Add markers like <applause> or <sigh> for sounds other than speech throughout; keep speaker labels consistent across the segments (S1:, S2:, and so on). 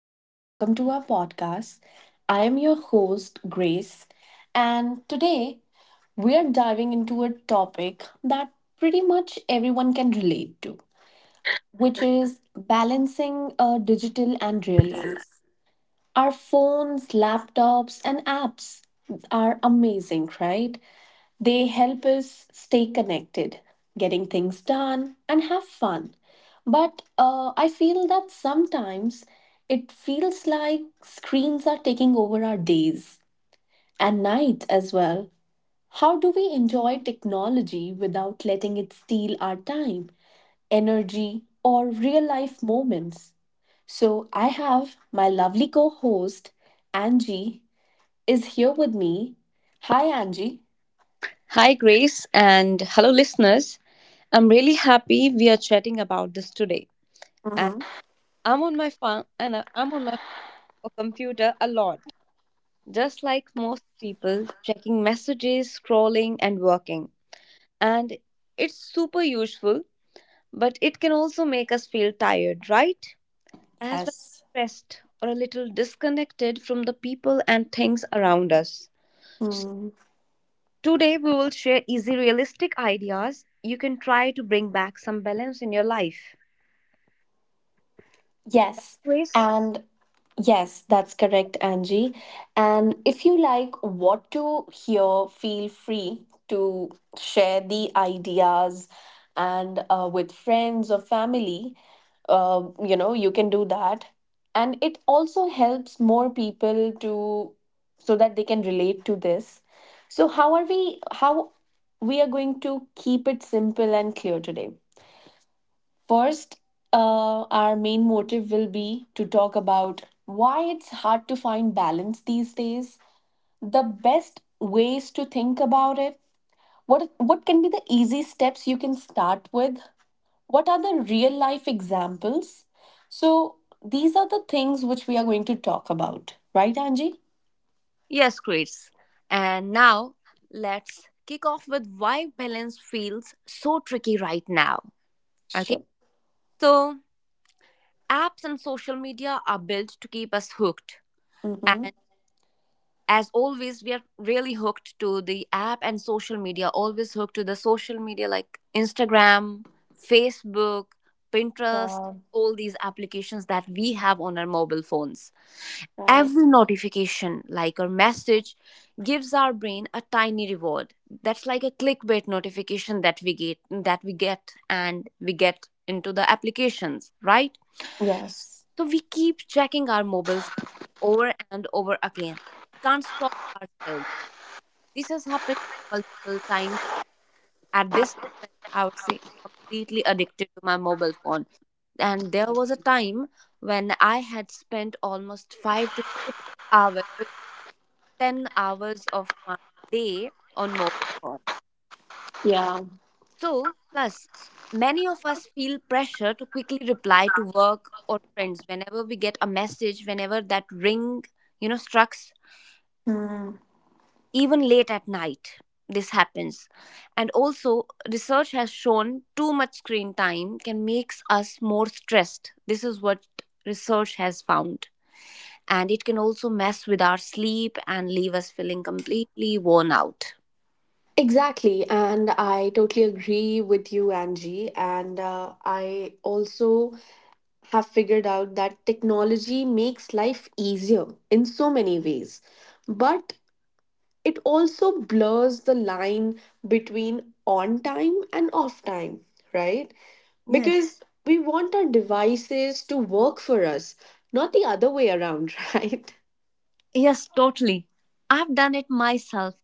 S1: and welcome to our podcast. I am your host, Grace, and today we are diving into a topic that pretty much everyone can relate to, which is balancing a digital and real life. Our phones, laptops, and apps are amazing, right? They help us stay connected, getting things done, and have fun. But I feel that sometimes it feels like screens are taking over our days and nights as well. How do we enjoy technology without letting it steal our time, energy, or real life moments? So I have my lovely co host, Angie, is here with me. Hi, Angie.
S2: Hi, Grace, and hello, listeners. I'm really happy we are chatting about this today. And
S1: hmm
S2: I'm on my phone, and I'm on my computer a lot, just like most people, checking messages, scrolling, and working. And it's super useful, but it can also make us feel tired, right? As well
S1: Yes.
S2: as stressed or a little disconnected from the people and things around us. So
S1: Hmm.
S2: Today, we will share easy, realistic ideas you can try to bring back some balance in your life.
S1: Yes,
S2: Grace?
S1: and yes, that's correct, Angie. And if you like what to hear, feel free to share the ideas and with friends or family. You can do that. And it also helps more people to so that they can relate to this. So, how we are going to keep it simple and clear today? First, our main motive will be to talk about why it's hard to find balance these days, the best ways to think about it, what can be the easy steps you can start with, what are the real life examples. So, these are the things which we are going to talk about, right, Angie?
S2: Yes, Chris. And now let's kick off with why balance feels so tricky right now. Okay.
S1: Sure.
S2: So, apps and social media are built to keep us hooked.
S1: Mm-hmm.
S2: And as always, we are really hooked to the app and social media, always hooked to the social media like Instagram, Facebook, Pinterest,
S1: Yeah,
S2: all these applications that we have on our mobile phones. Every
S1: right.
S2: notification like or message gives our brain a tiny reward. That's like a clickbait notification that we get, and we get into the applications, right?
S1: Yes.
S2: So we keep checking our mobiles over and over again, can't stop ourselves. This has happened multiple times. At this moment, I would say I'm completely addicted to my mobile phone. And there was a time when I had spent almost 5 to 6 hours or 10 hours of my day on mobile phone.
S1: Yeah.
S2: So, plus, many of us feel pressure to quickly reply to work or friends whenever we get a message, whenever that ring, strikes,
S1: Hmm.
S2: even late at night. This happens. And also research has shown too much screen time can makes us more stressed. This is what research has found. And it can also mess with our sleep and leave us feeling completely worn out.
S1: Exactly, and I totally agree with you, Angie. And I also have figured out that technology makes life easier in so many ways, but it also blurs the line between on time and off time, right?
S2: Yes.
S1: Because we want our devices to work for us, not the other way around, <laughs> right?
S2: Yes, totally. I've done it myself,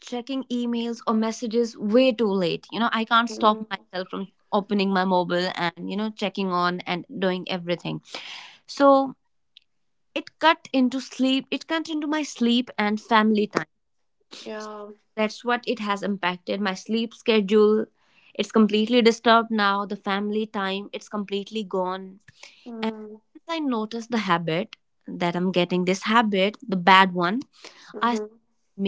S2: checking emails or messages way too late. You know, I can't stop
S1: Mm,
S2: myself from opening my mobile and checking on and doing everything. So it cut into sleep. It cut into my sleep and family time. So
S1: yeah,
S2: that's what it has impacted. My sleep schedule, it's completely disturbed now. The family time, it's completely gone. And
S1: mm,
S2: once I noticed the habit, that I'm getting this habit, the bad one, I start
S1: mhm,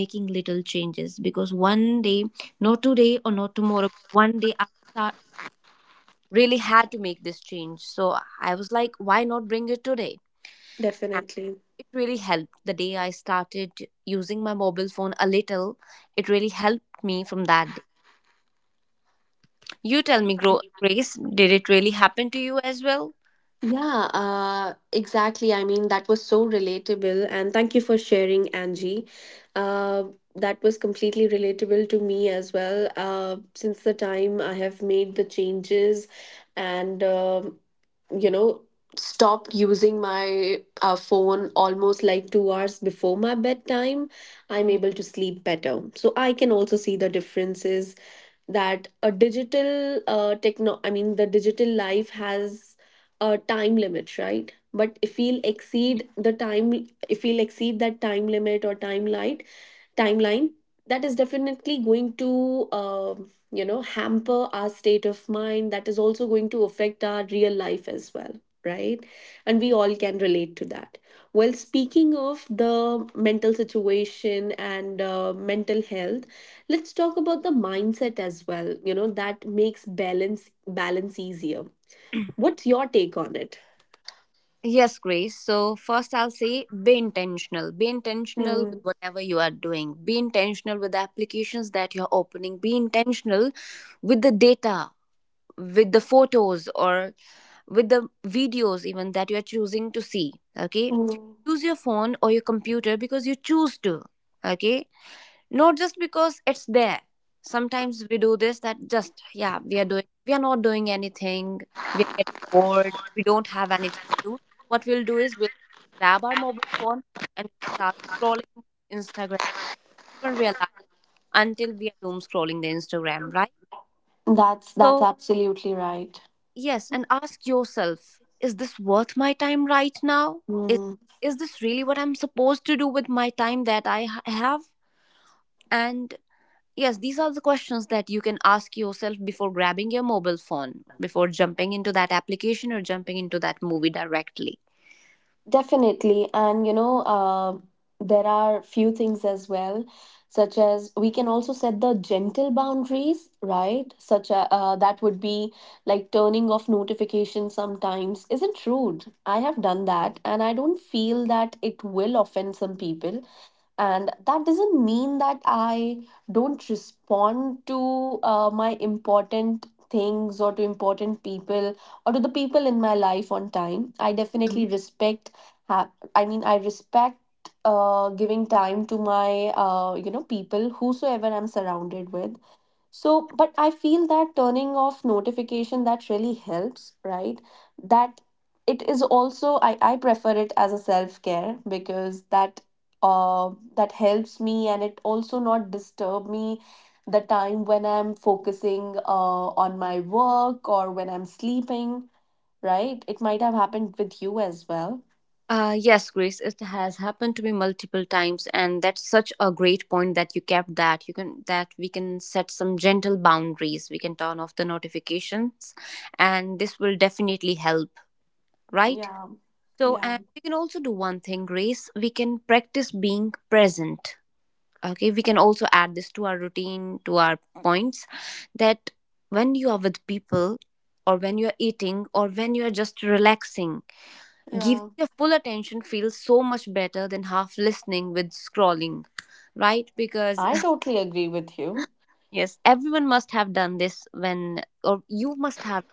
S2: making little changes. Because one day, not today or not tomorrow, one day I start, really had to make this change. So I was like, why not bring it today?
S1: definitely.
S2: It really helped. The day I started using my mobile phone a little, it really helped me from that day. You tell me, Grace, did it really happen to you as well?
S1: Yeah, exactly. I mean, that was so relatable. And thank you for sharing, Angie. Uh, that was completely relatable to me as well. Since the time I have made the changes and, you know, stopped using my phone almost like 2 hours before my bedtime, I'm
S2: Mhm.
S1: able to sleep better. So I can also see the differences that a digital techno I mean the digital life has a time limit, right? But if we'll exceed the time if we'll exceed that time limit or timeline, that is definitely going to hamper our state of mind. That is also going to affect our real life as well, right? And we all can relate to that. Well, speaking of the mental situation and mental health, let's talk about the mindset as well, you know, that makes balance easier. What's your take on it?
S2: Yes, Grace. So, first, I'll say be intentional. Be intentional with
S1: Mm,
S2: whatever you are doing. Be intentional with the applications that you're opening. Be intentional with the data, with the photos, or with the videos even that you are choosing to see, okay?
S1: mm.
S2: Use your phone or your computer because you choose to, okay, not just because it's there. Sometimes we do this, that just, yeah, we are doing, we are not doing anything, we are getting bored, we don't have anything to do. What we'll do is we'll grab our mobile phone and start scrolling Instagram, and realize, until we are doom scrolling the Instagram, right?
S1: That's
S2: So
S1: absolutely right.
S2: yes, and ask yourself, is this worth my time right now? Is
S1: Mm,
S2: is this really what I'm supposed to do with my time that I have? And yes, these are the questions that you can ask yourself before grabbing your mobile phone, before jumping into that application or jumping into that movie directly.
S1: definitely. There are few things as well, such as we can also set the gentle boundaries, right? Such a That would be like turning off notifications sometimes isn't rude. I have done that, and I don't feel that it will offend some people. And that doesn't mean that I don't respond to my important things or to important people or to the people in my life on time. I definitely respect ha- I respect giving time to my people whosoever I'm surrounded with. So, but I feel that turning off notification, that really helps, right? That it is also I prefer it as a self-care because uh that helps me and it also not disturb me the time when I'm focusing on my work or when I'm sleeping, right? It might have happened with you as well.
S2: Yes, Grace, it has happened to me multiple times, and that's such a great point that you kept, that you can, that we can set some gentle boundaries. We can turn off the notifications, and this will definitely help, right?
S1: Yeah,
S2: So,
S1: yeah,
S2: and we can also do one thing, Grace. We can practice being present. Okay, we can also add this to our routine, to our points, that when you are with people, or when you are eating, or when you are just relaxing, giving
S1: yeah.
S2: your full attention feels so much better than half listening with scrolling, right? Because
S1: I totally agree with you.
S2: <laughs> yes, everyone must have done this when, or you must have,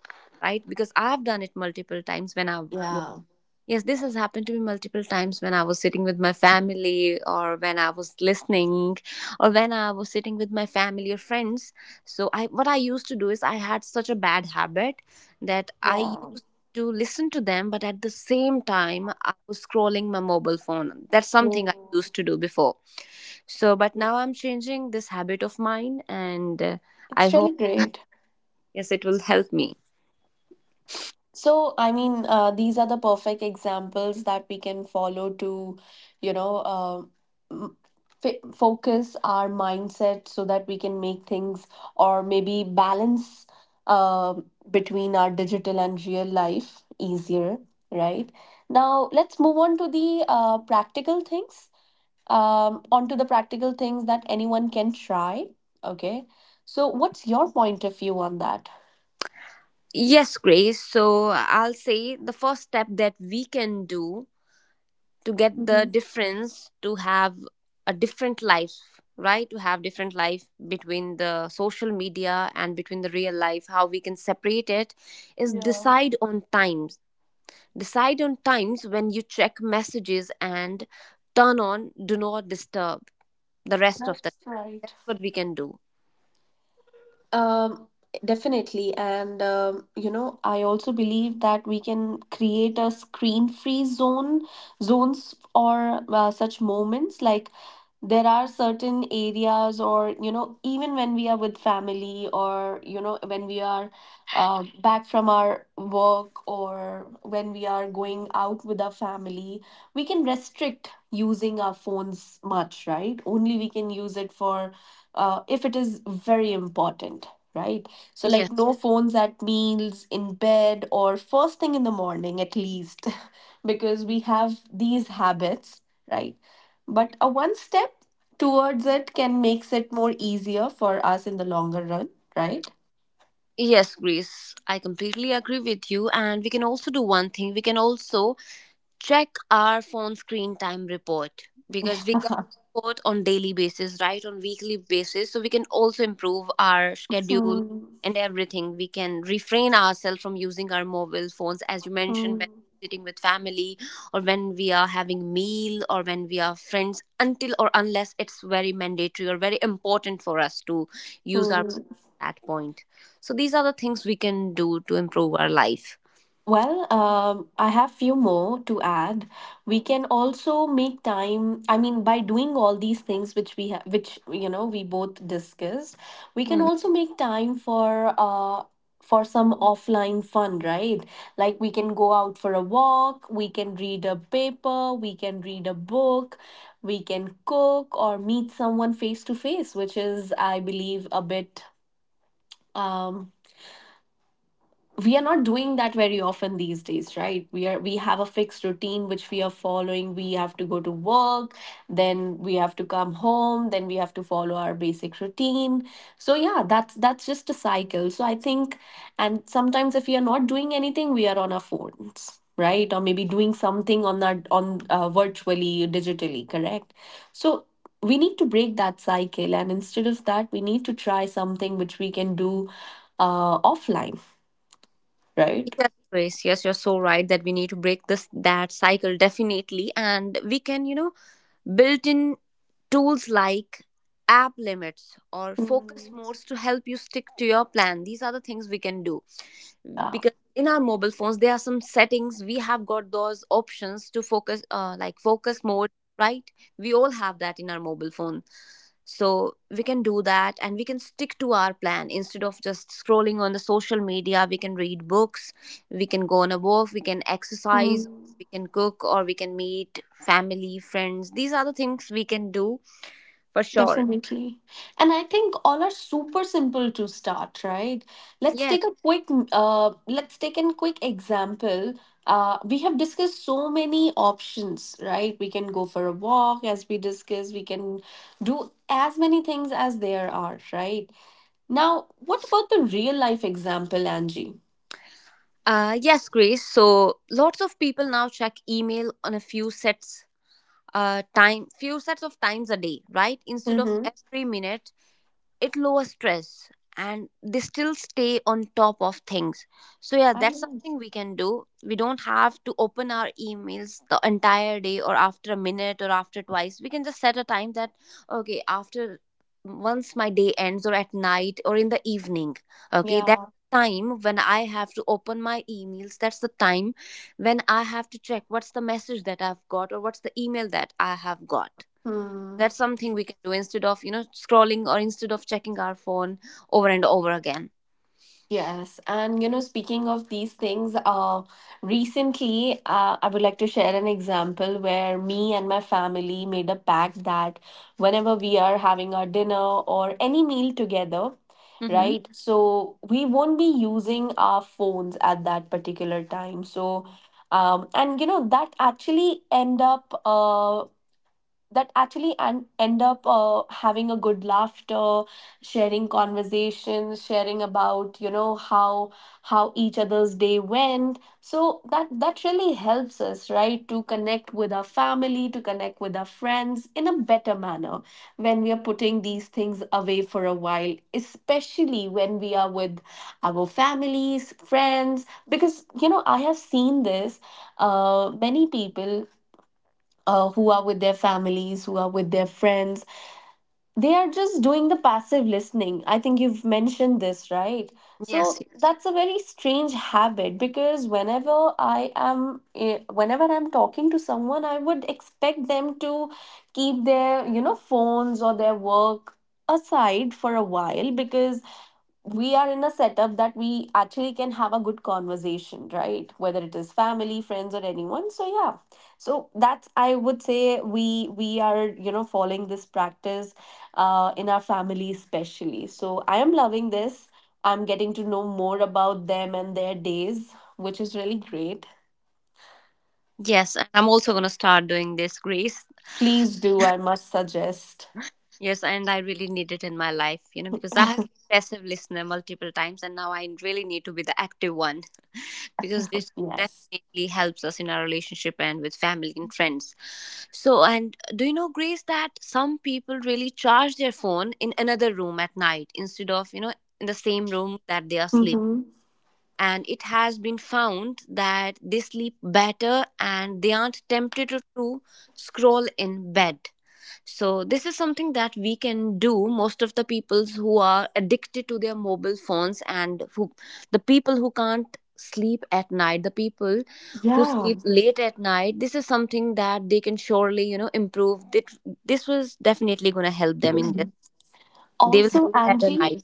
S2: right? Because I've done it multiple times when I,
S1: Yeah.
S2: yes, this has happened to me multiple times when I was sitting with my family, or when I was listening, or when I was sitting with my family or friends. So, I, what I used to do is I had such a bad habit that I
S1: Yeah.
S2: used to listen to them, but at the same time I was scrolling my mobile phone. That's something I
S1: Mm.
S2: used to do before. So, but now I'm changing this habit of mine, and I
S1: It's really
S2: hope,
S1: great.
S2: yes, it will help me.
S1: So, these are the perfect examples that we can follow to, you know, m- f focus our mindset so that we can make things or maybe balance uh, between our digital and real life easier, right? Now, let's move on to the practical things. Onto the practical things that anyone can try. Okay. So, what's your point of view on that?
S2: Yes, Grace. So I'll say the first step that we can do to get the
S1: Mm-hmm.
S2: difference, to have a different life, right, to have different life between the social media and between the real life, how we can separate it, is
S1: Yeah,
S2: decide on times, decide on times when you check messages and turn on do not disturb the rest of the
S1: that's
S2: time.
S1: right.
S2: That's what we can do.
S1: Um, definitely. And I also believe that we can create a zones or such moments. Like there are certain areas or, you know, even when we are with family or, you know, when we are back from our work or when we are going out with our family, we can restrict using our phones much, right? Only we can use it for if it is very important, right? So,
S2: Yes.
S1: like, no phones at meals, in bed, or first thing in the morning at least, <laughs> because we have these habits, right? But a one step towards it can makes it more easier for us in the longer run, right?
S2: Yes, Grace, I completely agree with you. And we can also do one thing. We can also check our phone screen time report, because we
S1: <laughs>
S2: get report on daily basis, right, on weekly basis, so we can also improve our schedule
S1: Hmm.
S2: and everything. We can refrain ourselves from using our mobile phones, as you mentioned, when
S1: Hmm.
S2: sitting with family, or when we are having meal, or when we are friends, until or unless it's very mandatory or very important for us to use our
S1: Hmm.
S2: at point. So these are the things we can do to improve our life.
S1: Well, I have few more to add. We can also make time. I mean, by doing all these things which we have, which you know, we both discussed, we can
S2: Hmm.
S1: also make time for some offline fun, right? Like we can go out for a walk, we can read a paper, we can read a book, we can cook or meet someone face to face, which is, I believe, a bit um, we are not doing that very often these days, right? We have a fixed routine which we are following. We have to go to work, then we have to come home, then we have to follow our basic routine. So yeah, that's just a cycle. So I think, and sometimes if we are not doing anything, we are on our phones, right? Or maybe doing something on that, on virtually, digitally, correct? So we need to break that cycle, and instead of that, we need to try something which we can do offline, right?
S2: Yes, Grace. Yes, you're so right that we need to break this that cycle definitely, and we can, you know, built in tools like app limits or focus
S1: Mm.
S2: modes to help you stick to your plan. These are the things we can do
S1: Yeah.
S2: because in our mobile phones there are some settings, we have got those options to focus, like focus mode, right? We all have that in our mobile phone. So we can do that and we can stick to our plan. Instead of just scrolling on the social media, we can read books, we can go on a walk, we can exercise,
S1: Mm,
S2: we can cook, or we can meet family, friends. These are the things we can do for sure.
S1: definitely. And I think all are super simple to start, right? Let's
S2: Yes.
S1: take a quick let's take an quick example. We have discussed so many options, right? We can go for a walk, as we discussed, we can do as many things as there are, right? Now, what about the real life example, Angie?
S2: Yes, Grace. So lots of people now check email on a few sets, time, few sets of times a day, right, instead of
S1: Mm-hmm.
S2: every minute. It lowers stress and they still stay on top of things. So yeah,
S1: I
S2: that's
S1: know.
S2: something we can do. We don't have to open our emails the entire day or after a minute or after twice. We can just set a time, that okay, after once my day ends, or at night, or in the evening, okay, that's
S1: Yeah.
S2: the time when I have to open my emails. That's the time when I have to check what's the message that I've got, or what's the email that I have got.
S1: Hmm.
S2: That's something we can do instead of, you know, scrolling, or instead of checking our phone over and over again.
S1: Yes, and you know, speaking of these things, recently I would like to share an example where me and my family made a pact that whenever we are having our dinner or any meal together,
S2: Mm-hmm.
S1: right, so we won't be using our phones at that particular time. So, and you know, that actually end up that actually and end up having a good laughter, sharing conversations, sharing about you know how each other's day went. So that that really helps us, right, to connect with our family, to connect with our friends in a better manner when we are putting these things away for a while, especially when we are with our families, friends. Because you know, I have seen this, many people, who are with their families, who are with their friends, they are just doing the passive listening. I think you've mentioned this, right?
S2: Yes.
S1: So that's a very strange habit, because whenever I am, eh, whenever I'm talking to someone, I would expect them to keep their, you know, phones or their work aside for a while, because we are in a setup that we actually can have a good conversation, right? Whether it is family, friends, or anyone. So yeah, so that's I would say we are, you know, following this practice in our family, especially. So I am loving this. I'm getting to know more about them and their days, which is really great.
S2: Yes, and I'm also going to start doing this, Grace.
S1: Please do, I must suggest.
S2: Yes, and I really need it in my life, you know, because I have been passive listener multiple times and now I really need to be the active one, because this
S1: Yes.
S2: definitely helps us in our relationship and with family and friends. So, and do you know, Grace, that some people really charge their phone in another room at night, instead of, you know, in the same room that they are sleeping,
S1: Mm-hmm.
S2: and it has been found that they sleep better and they aren't tempted to, scroll in bed. So this is something that we can do. Most of the people who are addicted to their mobile phones, and who, the people who can't sleep at night, the people who
S1: Yeah.
S2: sleep late at night, this is something that they can surely, you know, improve. That this was definitely going to help them in this. They will have
S1: Also,
S2: better nights.
S1: Angie,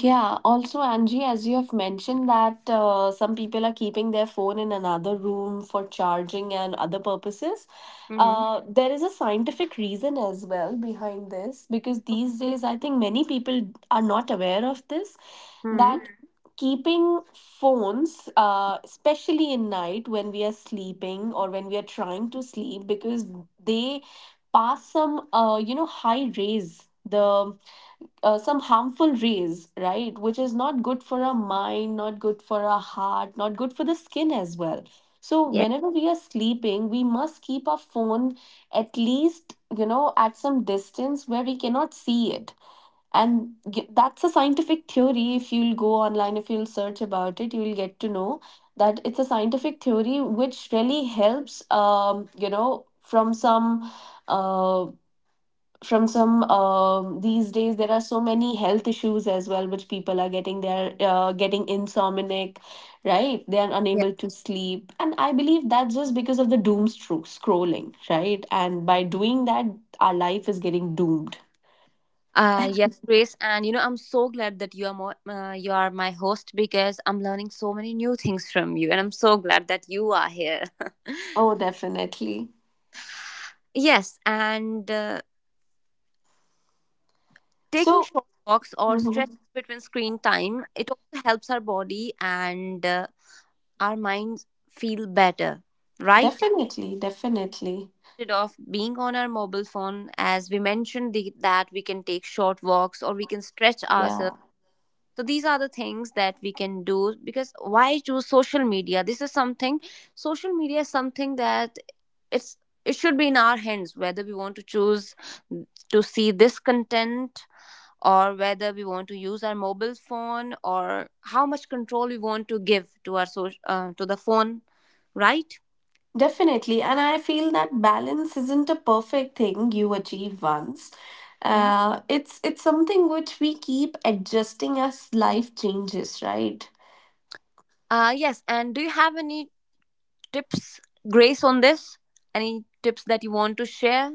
S1: yeah, also, Angie, as you have mentioned that some people are keeping their phone in another room for charging and other purposes.
S2: Mm-hmm.
S1: There is a scientific reason as well behind this, because these days I think many people are not aware of this
S2: Hmm.
S1: that Mhm. keeping phones, especially in night when we are sleeping or when we are trying to sleep, because they pass some high rays, the some harmful rays, right? Which is not good for our mind, not good for our heart, not good for the skin as well. So,
S2: Yeah.
S1: whenever we are sleeping, we must keep our phone at least, you know, at some distance where we cannot see it. That's a scientific theory. If you'll go online, if you'll search about it, you'll get to know that it's a scientific theory which really helps, from some uh, these days there are so many health issues as well which people are getting, they're getting insomniac, right? They are unable to sleep, and I believe that's just because of the scrolling, right? And by doing that our life is getting doomed.
S2: Yes, Grace, and you know I'm so glad that you are more, you are my host, because I'm learning so many new things from you, and I'm so glad that you are here.
S1: Oh, definitely.
S2: <laughs> Yes, and
S1: So.
S2: taking short walks or stretching
S1: Mhm.
S2: between screen time, it also helps our body, and our minds feel better, right?
S1: Definitely, definitely.
S2: Instead of being on our mobile phone, as we mentioned, that we can take short walks or we can stretch
S1: Yeah.
S2: ourselves. So these are the things that we can do, because why choose social media? This is something social media is something that, it's it should be in our hands whether we want to choose to see this content, or whether we want to use our mobile phone, or how much control we want to give to our social to the phone, right?
S1: Definitely. And I feel that balance isn't a perfect thing you achieve once.
S2: Mm-hmm.
S1: It's something which we keep adjusting as life changes, right?
S2: Yes, and do you have any tips, Grace, on this? Any tips that you want to share?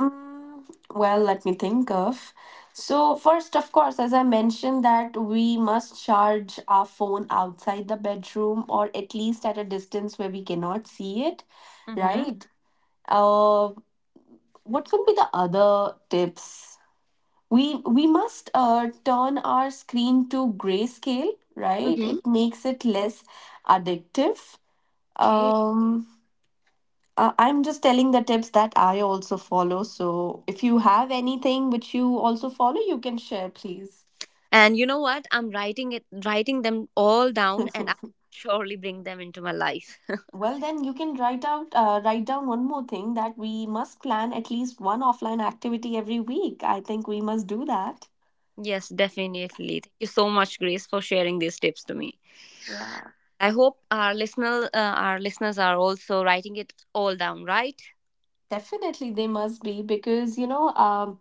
S1: Mm, well, let me think of. So first, of course, as I mentioned, that we must charge our phone outside the bedroom, or at least at a distance where we cannot see it,
S2: Mm-hmm.
S1: right? Uh, what could be the other tips? We must turn our screen to grayscale, right?
S2: Mm-hmm.
S1: It makes it less addictive. um I'm just telling the tips that I also follow, so if you have anything which you also follow, you can share, please.
S2: And you know what? Writing them all down, and I'll
S1: <laughs>
S2: surely bring them into my life. <laughs>
S1: Well, then you can write out, write down one more thing, that we must plan at least one offline activity every week. I think we must do that.
S2: Yes, definitely. Thank you so much, Grace, for sharing these tips to me.
S1: Yeah,
S2: I hope our our listeners are also writing it all down, right?
S1: definitely, they must be, because you know,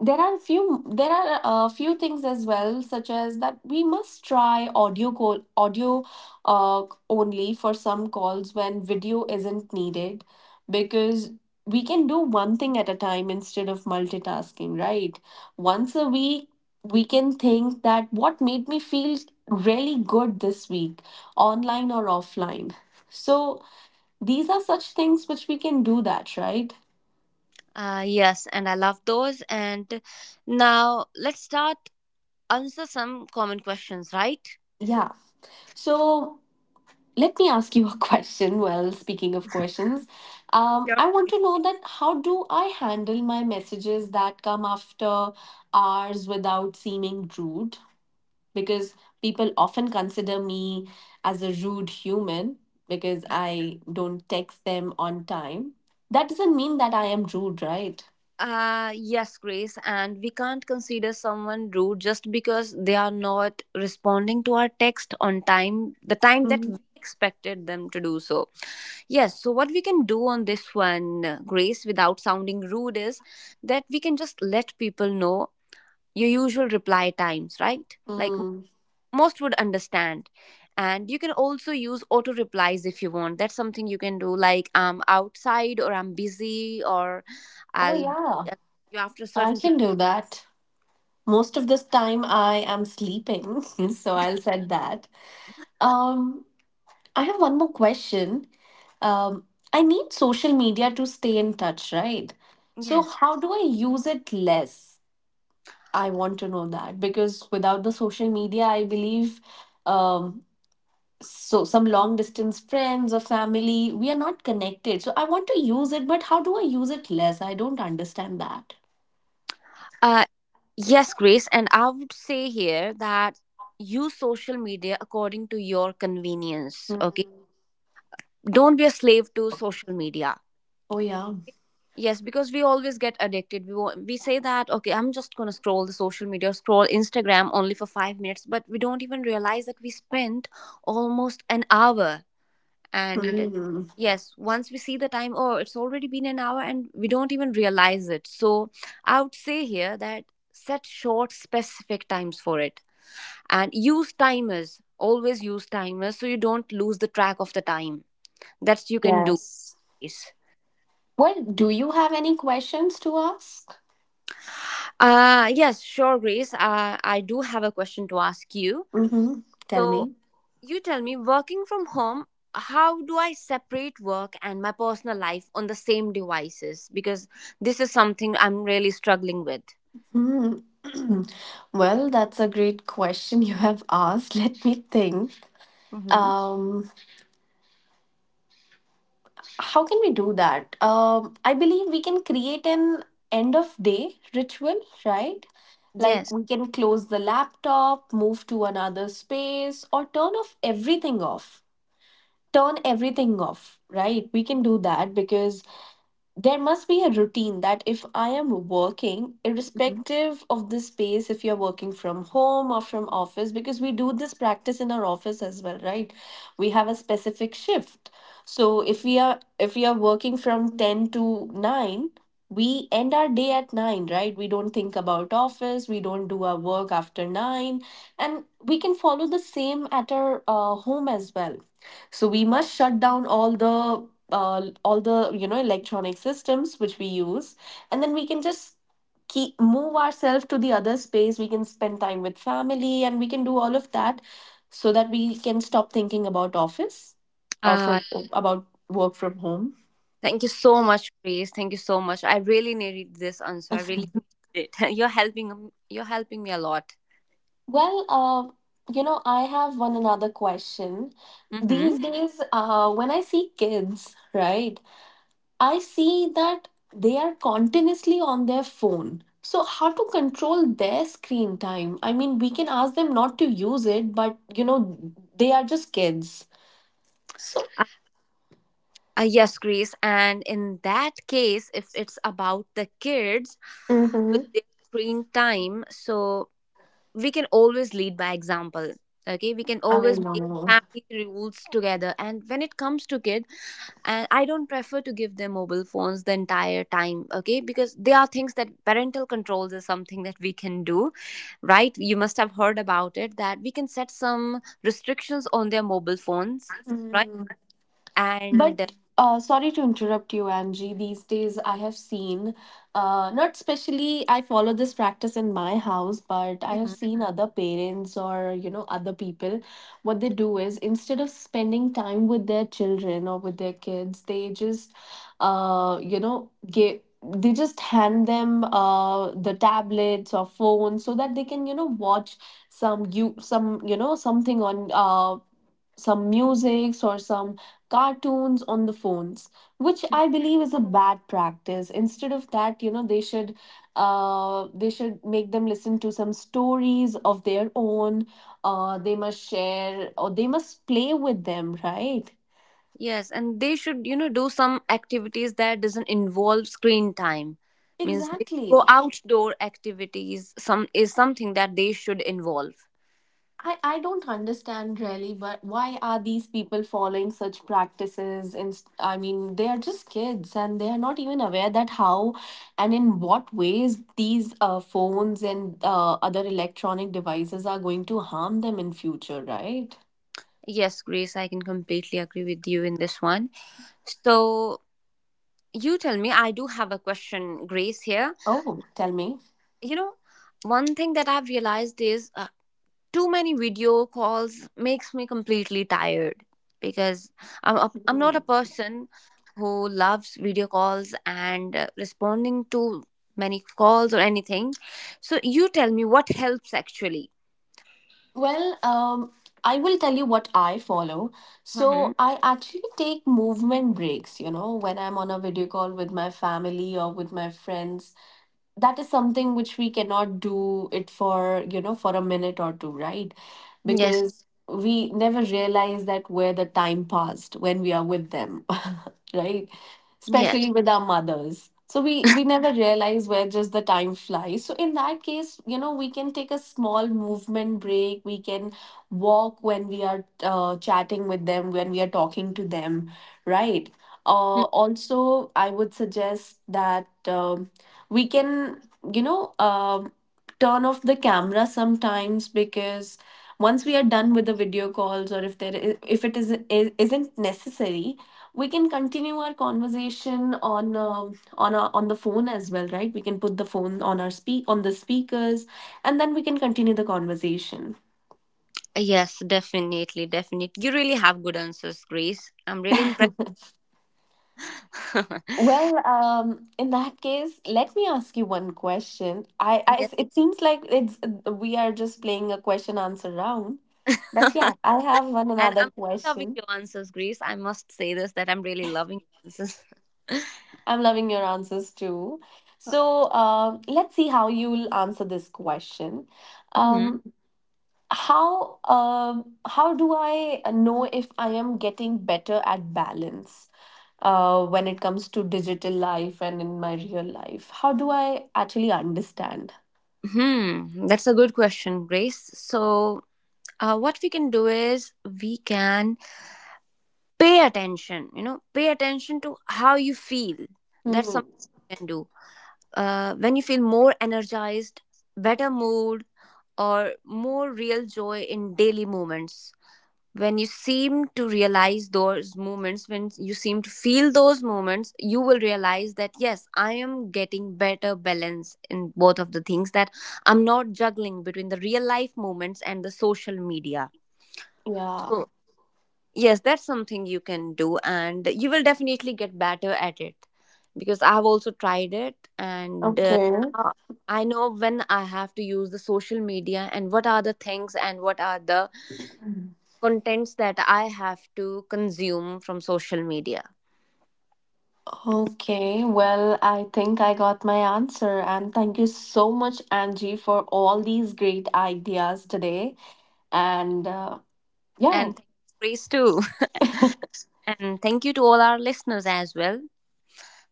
S1: there are few, there are a few things as well, such as that we must try audio call, audio uh, only for some calls when video isn't needed, because we can do one thing at a time instead of multitasking, right? Once a week we can think that what made me feel really good this week, online or offline. So these are such things which we can do that, right?
S2: Yes, and I love those. And now let's start answer some common questions, right?
S1: Yeah. So let me ask you a <laughs> question. Well, speaking of questions,
S2: Sure.
S1: I want to know that, how do I handle my messages that come after hours without seeming rude? Because people often consider me as a rude human, because I don't text them on time. That doesn't mean that I am rude, right?
S2: Yes, Grace, and we can't consider someone rude just because they are not responding to our text on time, the time that
S1: Mhm.
S2: we expected them to do so. Yes, so what we can do on this one, Grace, without sounding rude, is that we can just let people know your usual reply times, right? Like,
S1: Mm.
S2: most would understand, and you can also use auto replies if you want. That's something you can do, like, I'm outside, or I'm busy, or
S1: Oh,
S2: I'll
S1: yeah,
S2: uh, you, after a
S1: I
S2: certain period.
S1: can do that. Most of this time I am sleeping, <laughs> so I'll set that. Um, I have one more question. Um, I need social media to stay in touch, right? So,
S2: Yes.
S1: how do I use it less? I want to know that, because without the social media, I believe, um, so some long distance friends or family, we are not connected. So, I want to use it, but how do I use it less? I don't understand that.
S2: uh yes, Grace, and I would say here that use social media according to your convenience, okay?
S1: Mm.
S2: Don't be a slave to social media.
S1: Oh, yeah.
S2: Yes, because we always get addicted. We say that, okay, I'm just gonna scroll the social media, scroll Instagram only for 5 minutes, but we don't even realize that we spent almost an hour. And
S1: Mm.
S2: yes, once we see the time, oh, it's already been an hour, and we don't even realize it. So I would say here that set short, specific times for it, and use timers. Always use timers, so you don't lose the track of the time. That's you can do.
S1: Yes. Well, do you have any questions to ask?
S2: Yes, sure, Grace. I do have a question to ask you.
S1: Mm-hmm. Tell
S2: So,
S1: me.
S2: you tell me, working from home, how do I separate work and my personal life on the same devices? Because this is something I'm really struggling with.
S1: Hmm. <clears throat> Well, that's a great question you have asked. <laughs> Let me think.
S2: Mm-hmm.
S1: Um, how can we do that? I believe we can create an end of day ritual, right? Like
S2: Yes.
S1: we can close the laptop, move to another space, or turn off everything off. Turn everything off, right? We can do that because there must be a routine, that if I am working,
S2: Mm-hmm.
S1: irrespective of the space, if you're working from home or from office, because we do this practice in our office as well, right? We have a specific shift. So if we are working from 10 to 9, we end our day at 9, right? We don't think about office, we don't do our work after 9, and we can follow the same at our home as well. So we must shut down all the all the, you know, electronic systems which we use, and then we can just keep move ourselves to the other space. We can spend time with family and we can do all of that, so that we can stop thinking about office or
S2: Uh,
S1: from about work from home.
S2: Thank you so much, Grace. Thank you so much. I really needed this answer. I really <laughs>
S1: <laughs>
S2: needed it. <laughs> You're helping. You're helping me a lot.
S1: Well, you know, I have one another question.
S2: Mm-hmm.
S1: These days, when I see kids, right, I see that they are continuously on their phone. So, how to control their screen time? I mean, we can ask them not to use it, but you know, they are just kids. So,
S2: Yes, Grace. And in that case, if it's about the kids with
S1: Mhm.
S2: their screen time, so we can always lead by example. Okay, we can
S1: I
S2: always make
S1: know.
S2: family rules together. And when it comes to kid, and I don't prefer to give them mobile phones the entire time. Okay, because there are things that parental controls is something that we can do, right? You must have heard about it that we can set some restrictions on their mobile phones, right?
S1: Hmm.
S2: And,
S1: But sorry to interrupt you, Angie. These days, I have seen, not specially, I follow this practice in my house, but I have seen other parents or, you know, other people. What they do is, instead of spending time with their children or with their kids, they just, you know, give. They just hand them the tablets or phones so that they can, you know, watch some, you know, something on some musics or some cartoons on the phones, which I believe is a bad practice. Instead of that, you know, they should, they should make them listen to some stories of their own. Uh, they must share or they must play with them, right?
S2: yes, and they should, you know, do some activities that doesn't involve screen time. Means they go
S1: Exactly.
S2: outdoor activities. Some is something that they should involve.
S1: I don't understand really, but why are these people following such practices? And I mean, they are just kids, and they are not even aware that how and in what ways these phones and other electronic devices are going to harm them in future, right?
S2: Yes, Grace, I can completely agree with you in this one. So you tell me, I do have a question, Grace, here.
S1: Oh, tell me.
S2: You know, one thing that I've realized is too many video calls makes me completely tired, because I'm not a
S1: Mm.
S2: person who loves video calls and, responding to many calls or anything. So you tell me what helps actually.
S1: Well, I will tell you what I follow.
S2: Hmm.
S1: So I actually take movement breaks, you know, when I'm on a video call with my family or with my friends. That is something which we cannot do it for, you know, for a minute or two, right?
S2: Yes.
S1: Because we never realize that where the time passed when we are with them. <laughs> Right?
S2: Yes.
S1: Especially with our mothers. So we never realize where just the time flies. So in that case, you know, we can take a small movement break. We can walk when we are chatting with them, when we are talking to them, right?
S2: Mm.
S1: Also, I would suggest that we can, you know, turn off the camera sometimes, because once we are done with the video calls, or if there is, if it is, isn't necessary, we can continue our conversation on the phone as well, right? We can put the phone on our speak on the speakers, and then we can continue the conversation.
S2: Yes, definitely, definitely. You really have good answers, Grace. I'm really impressed. <laughs>
S1: Well, in that case, let me ask you one question.
S2: Yes.
S1: It seems like it's, we are just playing a question answer round, but
S2: <laughs>
S1: yeah, I have one
S2: And
S1: another
S2: I'm loving
S1: question.
S2: your answers, Grace. I must say this, that I'm really loving your answers. <laughs>
S1: I'm loving your answers too. So let's see how you'll answer this question.
S2: Mhm.
S1: Um, um, how do I know if I am getting better at balance, when it comes to digital life and in my real life? How do I actually understand?
S2: Hmm, that's a good question, Grace. So, what we can do is we can pay attention, you know, pay attention to how you feel. That's
S1: Hmm.
S2: something you can do. When you feel more energized, better mood, or more real joy in daily moments, when you seem to realize those moments, when you seem to feel those moments, you will realize that, yes, I am getting better balance in both of the things, that I'm not juggling between the real life moments and the social media.
S1: Yeah.
S2: So yes, that's something you can do, and you will definitely get better at it, because I have also tried it, and
S1: Okay.
S2: now I know when I have to use the social media, and what are the things, and what are the contents that I have to consume from social media.
S1: Okay, well, I think I got my answer, and thank you so much, Angie, for all these great ideas today. And yeah,
S2: And thank Grace, too. <laughs> And thank you to all our listeners as well.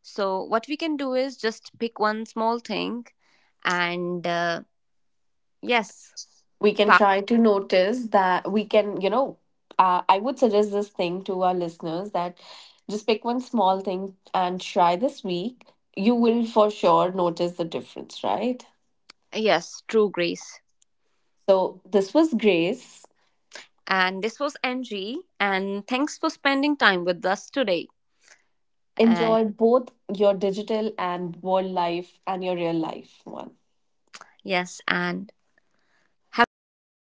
S2: So, what we can do is just pick one small thing and, yes,
S1: we can
S2: start.
S1: try to notice that, we can, you know, I would suggest this thing to our listeners, that just pick one small thing and try this week. You will for sure notice the difference, right?
S2: Yes, true, Grace.
S1: So this was Grace.
S2: And this was Angie. And thanks for spending time with us today. And
S1: Enjoy both your digital and world life and your real life one.
S2: yes, and have a great day